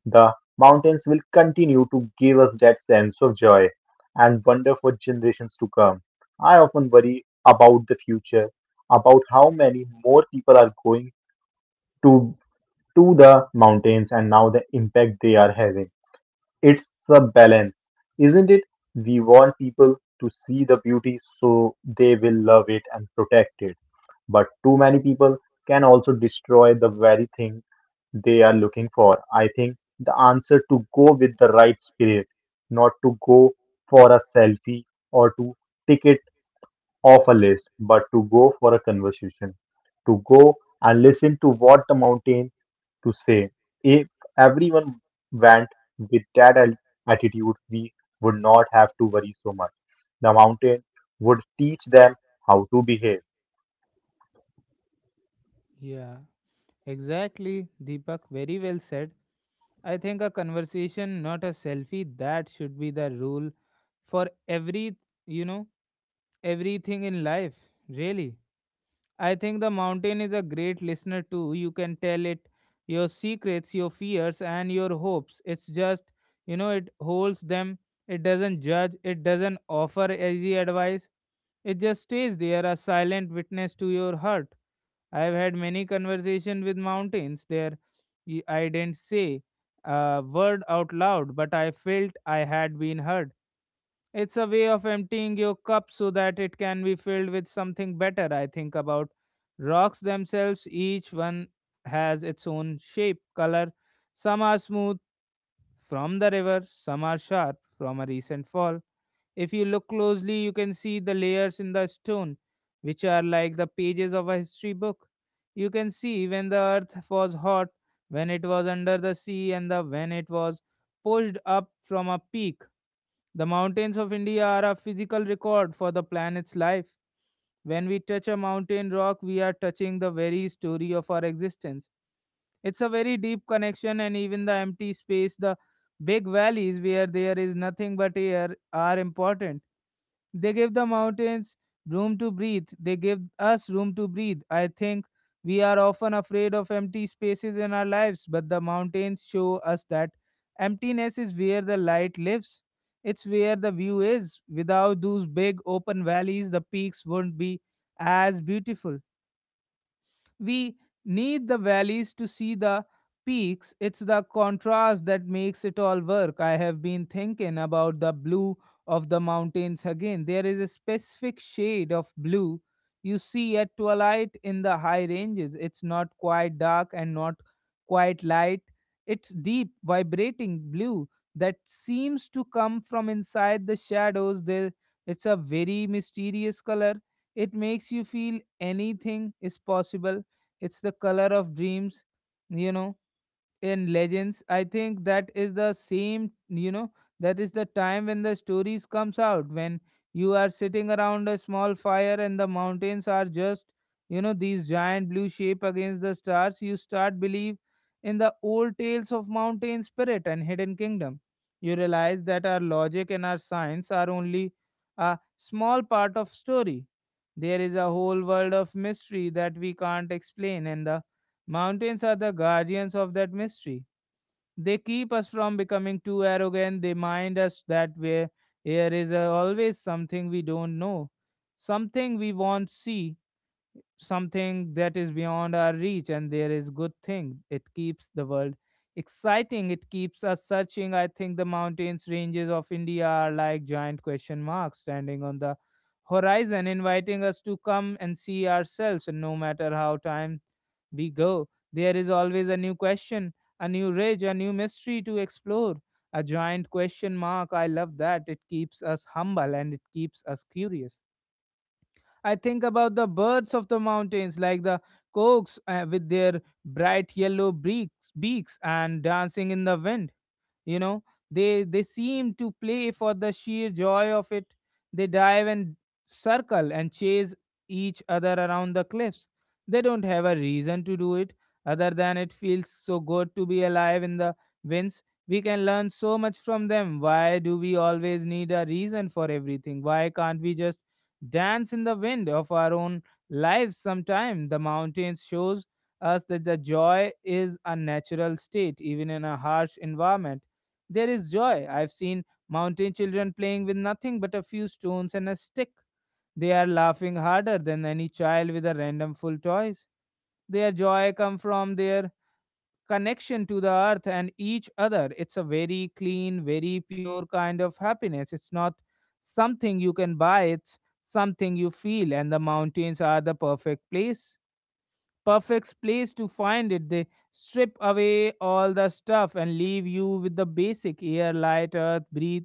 [SPEAKER 2] The mountains will continue to give us that sense of joy and wonder for generations to come. I often worry about the future, about how many more people are going to to the mountains and now the impact they are having. It's a balance, isn't it? We want people to see the beauty so they will love it and protect it. But too many people can also destroy the very thing they are looking for. I think the answer to go with the right spirit, not to go for a selfie or to tick it off a list, but to go for a conversation, to go and listen to what the mountain to say. If everyone went with that al- attitude, we would not have to worry so much. The mountain would teach them how to behave.
[SPEAKER 1] Yeah, exactly, Deepak. Very well said. I think a conversation, not a selfie, that should be the rule for every, you know, everything in life, really. I think the mountain is a great listener too. You can tell it your secrets, your fears, and your hopes. It's just, you know, it holds them, it doesn't judge, it doesn't offer easy advice. It just stays there, a silent witness to your heart. I've had many conversations with mountains there. y- I didn't say a word out loud, but I felt I had been heard. It's a way of emptying your cup so that it can be filled with something better. I think about rocks themselves, each one has its own shape, color. Some are smooth from the river, some are sharp from a recent fall. If you look closely, you can see the layers in the stone, which are like the pages of a history book. You can see when the earth was hot, when it was under the sea, and the when it was pushed up from a peak, the mountains of India are a physical record for the planet's life. When we touch a mountain rock, we are touching the very story of our existence. It's a very deep connection, and even the empty space, the big valleys where there is nothing but air, are important. They give the mountains room to breathe. They give us room to breathe. I think we are often afraid of empty spaces in our lives, but the mountains show us that emptiness is where the light lives. It's where the view is. Without those big open valleys, the peaks wouldn't be as beautiful. We need the valleys to see the peaks. It's the contrast that makes it all work. I have been thinking about the blue of the mountains again. There is a specific shade of blue you see at twilight in the high ranges. It's not quite dark and not quite light. It's deep, vibrating blue that seems to come from inside the shadows. There, it's a very mysterious color. It makes you feel anything is possible, it's the color of dreams, you know, in legends. I think that is the same, you know, that is the time when the stories comes out, when you are sitting around a small fire and the mountains are just, you know, these giant blue shape against the stars, you start believe in the old tales of mountain spirit and hidden kingdom. You realize that our logic and our science are only a small part of story. There is a whole world of mystery that we can't explain, and the mountains are the guardians of that mystery. They keep us from becoming too arrogant. They mind us that where here is uh, always something we don't know, something we won't see, something that is beyond our reach, and there is good thing, it keeps the world exciting, it keeps us searching. I think the mountains ranges of india are like giant question marks standing on the horizon, inviting us to come and see ourselves, and no matter how time we go, there is always a new question, a new ridge, a new mystery to explore. A giant question mark, I love that. It keeps us humble and it keeps us curious. I think about the birds of the mountains, like the cokes uh, with their bright yellow beaks, beaks and dancing in the wind, you know, they they seem to play for the sheer joy of it. They dive and circle and chase each other around the cliffs. They don't have a reason to do it other than it feels so good to be alive in the winds. We can learn so much from them. Why do we always need a reason for everything? Why can't we just dance in the wind of our own lives? Sometime the mountains shows us that the joy is a natural state. Even in a harsh environment, there is joy. I've seen mountain children playing with nothing but a few stones and a stick. They are laughing harder than any child with a random full toys. Their joy come from their connection to the earth and each other. It's a very clean, very pure kind of happiness. It's not something you can buy, it's something you feel, and the mountains are the perfect place perfect place to find it. They strip away all the stuff and leave you with the basic air, light, earth, breathe.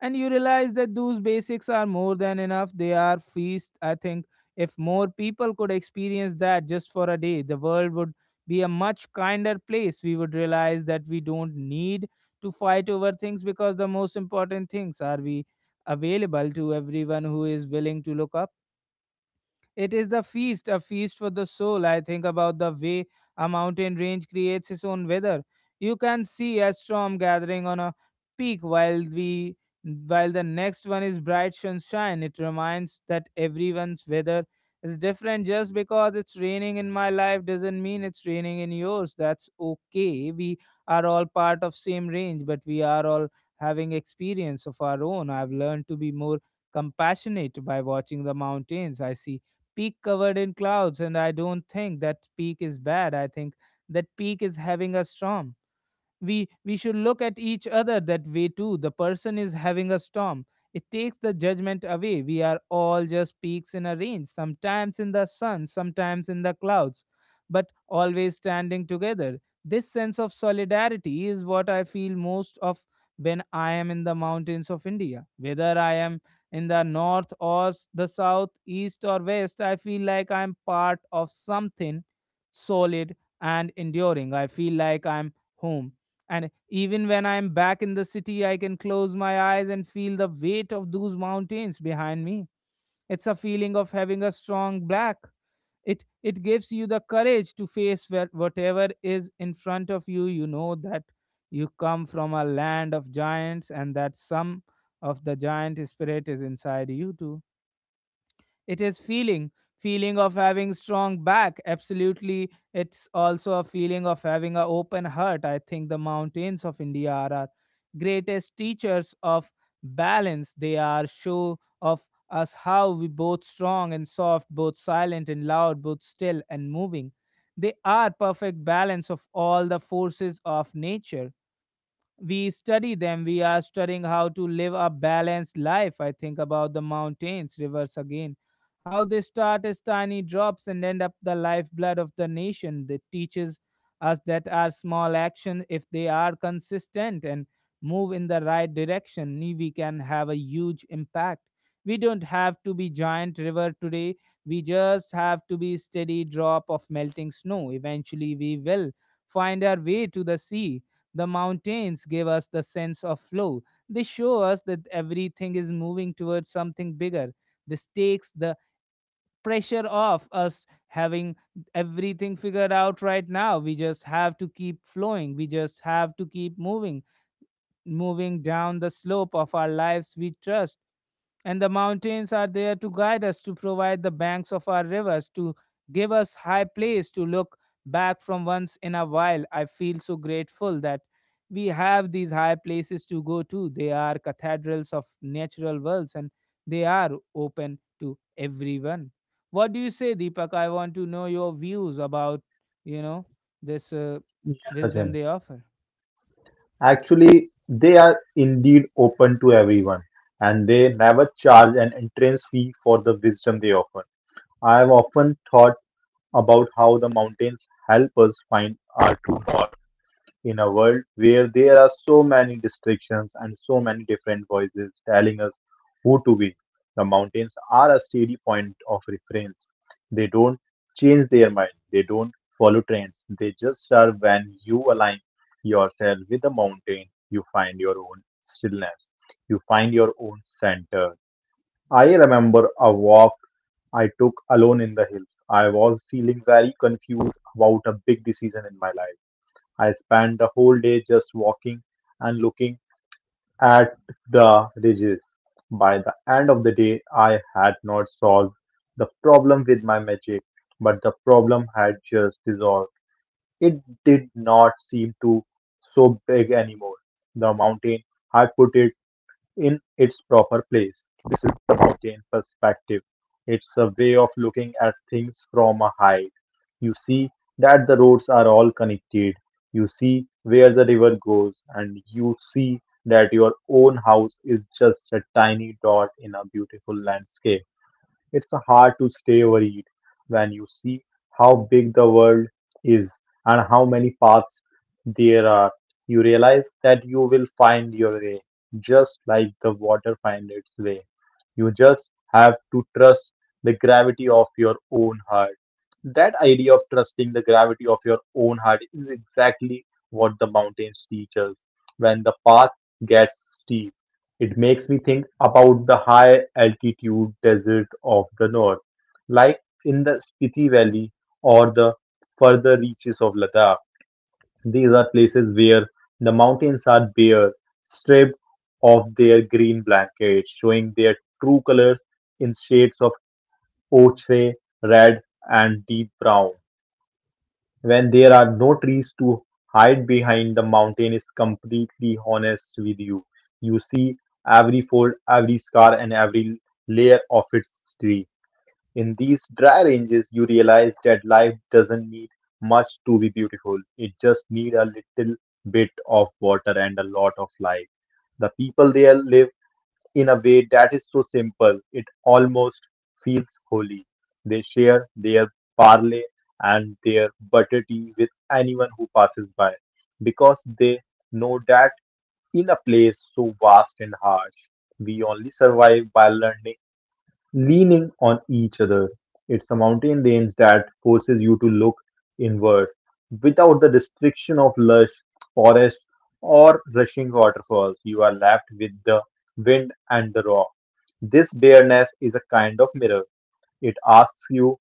[SPEAKER 1] And you realize that those basics are more than enough. They are feast. I think if more people could experience that just for a day, the world would be a much kinder place. We would realize that we don't need to fight over things because the most important things are we available to everyone who is willing to look up. It is the feast, a feast for the soul. I think about the way a mountain range creates its own weather. You can see a storm gathering on a peak while we while the next one is bright sunshine. It reminds that everyone's weather is different. Just because it's raining in my life doesn't mean it's raining in yours. That's okay. We are all part of same range, but we are all having experience of our own. I've learned to be more compassionate by watching the mountains. I see peak covered in clouds, and I don't think that peak is bad. I think that peak is having a storm. We we should look at each other that way too. The person is having a storm. It takes the judgment away. We are all just peaks in a range, sometimes in the sun, sometimes in the clouds, but always standing together. This sense of solidarity is what I feel most of when I am in the mountains of India. Whether I am in the north or s- the south, east or west, I feel like I'm part of something solid and enduring. I feel like I'm home. And even when I'm back in the city, I can close my eyes and feel the weight of those mountains behind me. It's a feeling of having a strong back. It it gives you the courage to face wha- whatever is in front of you. You know that you come from a land of giants, and that some of the giant spirit is inside you too. It is feeling feeling of having strong back. Absolutely, it's also a feeling of having a open heart. I think the mountains of india are our greatest teachers of balance. They are show of us how we both strong and soft, both silent and loud, both still and moving. They are perfect balance of all the forces of nature. We study them, we are studying how to live a balanced life. I think about the mountains rivers again, how they start as tiny drops and end up the lifeblood of the nation. That teaches us that our small actions, if they are consistent and move in the right direction, ne- we can have a huge impact. We don't have to be giant river today, we just have to be steady drop of melting snow. Eventually we will find our way to the sea. The mountains give us the sense of flow. They show us that everything is moving towards something bigger. This takes the pressure off us having everything figured out right now. We just have to keep flowing. We just have to keep moving moving down the slope of our lives we trust, and the mountains are there to guide us, to provide the banks of our rivers, to give us high place to look back from once in a while. I feel so grateful that we have these high places to go to. They are cathedrals of natural worlds, and they are open to everyone. What do you say, Deepak? I want to know your views about, you know, this uh,
[SPEAKER 2] Yes,
[SPEAKER 1] wisdom
[SPEAKER 2] Sachin.
[SPEAKER 1] they offer.
[SPEAKER 2] Actually, they are indeed open to everyone, and they never charge an entrance fee for the wisdom they offer. I have often thought about how the mountains help us find our. In a world where there are so many distractions and so many different voices telling us who to be. The mountains are a steady point of reference. They don't change their mind, they don't follow trends. They just are. When you align yourself with the mountain, you find your own stillness, you find your own center. I remember a walk I took alone in the hills. I was feeling very confused about a big decision in my life. I spent the whole day just walking and looking at the ridges. By the end of the day, I had not solved the problem with my magic, but the problem had just dissolved. It did not seem to so big anymore. The mountain had put it in its proper place. This is the mountain perspective. It's a way of looking at things from a height. You see that the roads are all connected. You see where the river goes, and you see that your own house is just a tiny dot in a beautiful landscape. It's hard to stay worried when you see how big the world is and how many paths there are. You realize that you will find your way, just like the water finds its way. You just have to trust the gravity of your own heart. That idea of trusting the gravity of your own heart is exactly what the mountains teach us. When the path gets steep, it makes me think about the high altitude desert of the north, like in the Spiti Valley or the further reaches of Ladakh. These are places where the mountains are bare, stripped of their green blanket, showing their true colors in shades of ochre, red, and deep brown. When there are no trees to hide behind, the mountain is completely honest with you. You see every fold, every scar, and every layer of its history. In these dry ranges, you realize that life doesn't need much to be beautiful. It just needs a little bit of water and a lot of light. The people there live in a way that is so simple it almost feels holy. They share their parley and their butter tea with anyone who passes by because they know that in a place so vast and harsh, we only survive by learning leaning on each other. It's the mountain range that forces you to look inward without the restriction of lush forests or rushing waterfalls. You are left with the wind and the rock. This bareness is a kind of mirror. It asks you,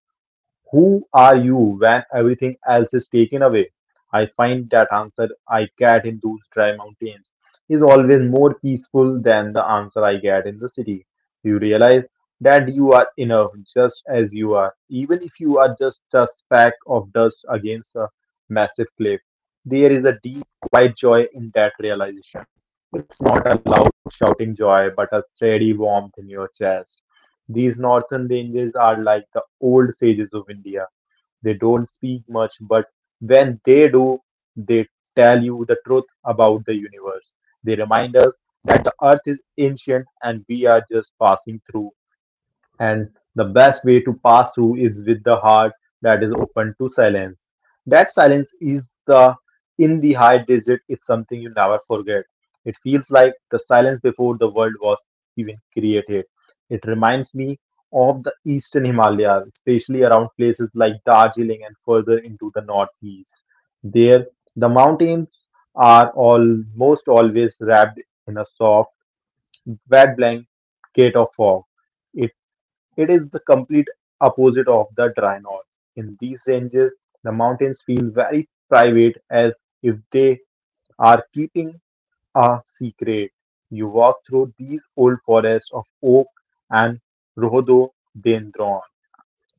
[SPEAKER 2] who are you when everything else is taken away? I find that answer I get in those dry mountains is always more peaceful than the answer I get in the city. You realize that you are enough just as you are, even if you are just a speck of dust against a massive cliff. There is a deep, quiet joy in that realization. It's not a loud shouting joy, but a steady warmth in your chest. These northern ranges are like the old sages of India. They don't speak much, but when they do, they tell you the truth about the universe. They remind us the earth is ancient and we are just passing through, and the best way to pass through is with the heart that is open to silence. That silence is the in the high desert is something you never forget. It feels like the silence before the world was even created. It reminds me of the eastern Himalayas, especially around places like Darjeeling and further into the northeast. There, the mountains are almost always wrapped in a soft, wet blanket of fog. It is the complete opposite of the dry north. In these ranges, the mountains feel very private, as if they are keeping a secret. You walk through these old forests of oak and rhododendron,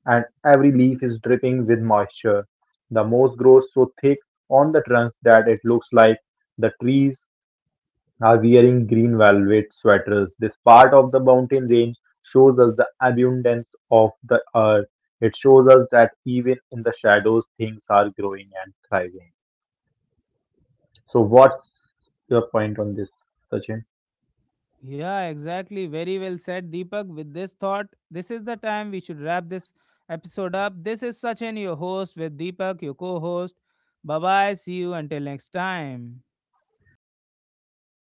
[SPEAKER 2] and every leaf is dripping with moisture. The moss grows so thick on the trunks that it looks like the trees are wearing green velvet sweaters. This part of the mountain range shows us the abundance of the earth. It shows us that even in the shadows, things are growing and thriving. So, what's your point on this, Sachin?
[SPEAKER 1] Yeah, exactly. Very well said, Deepak. With this thought, this is the time we should wrap this episode up. This is Sachin, your host, with Deepak, your co host. Bye bye. See you until next time.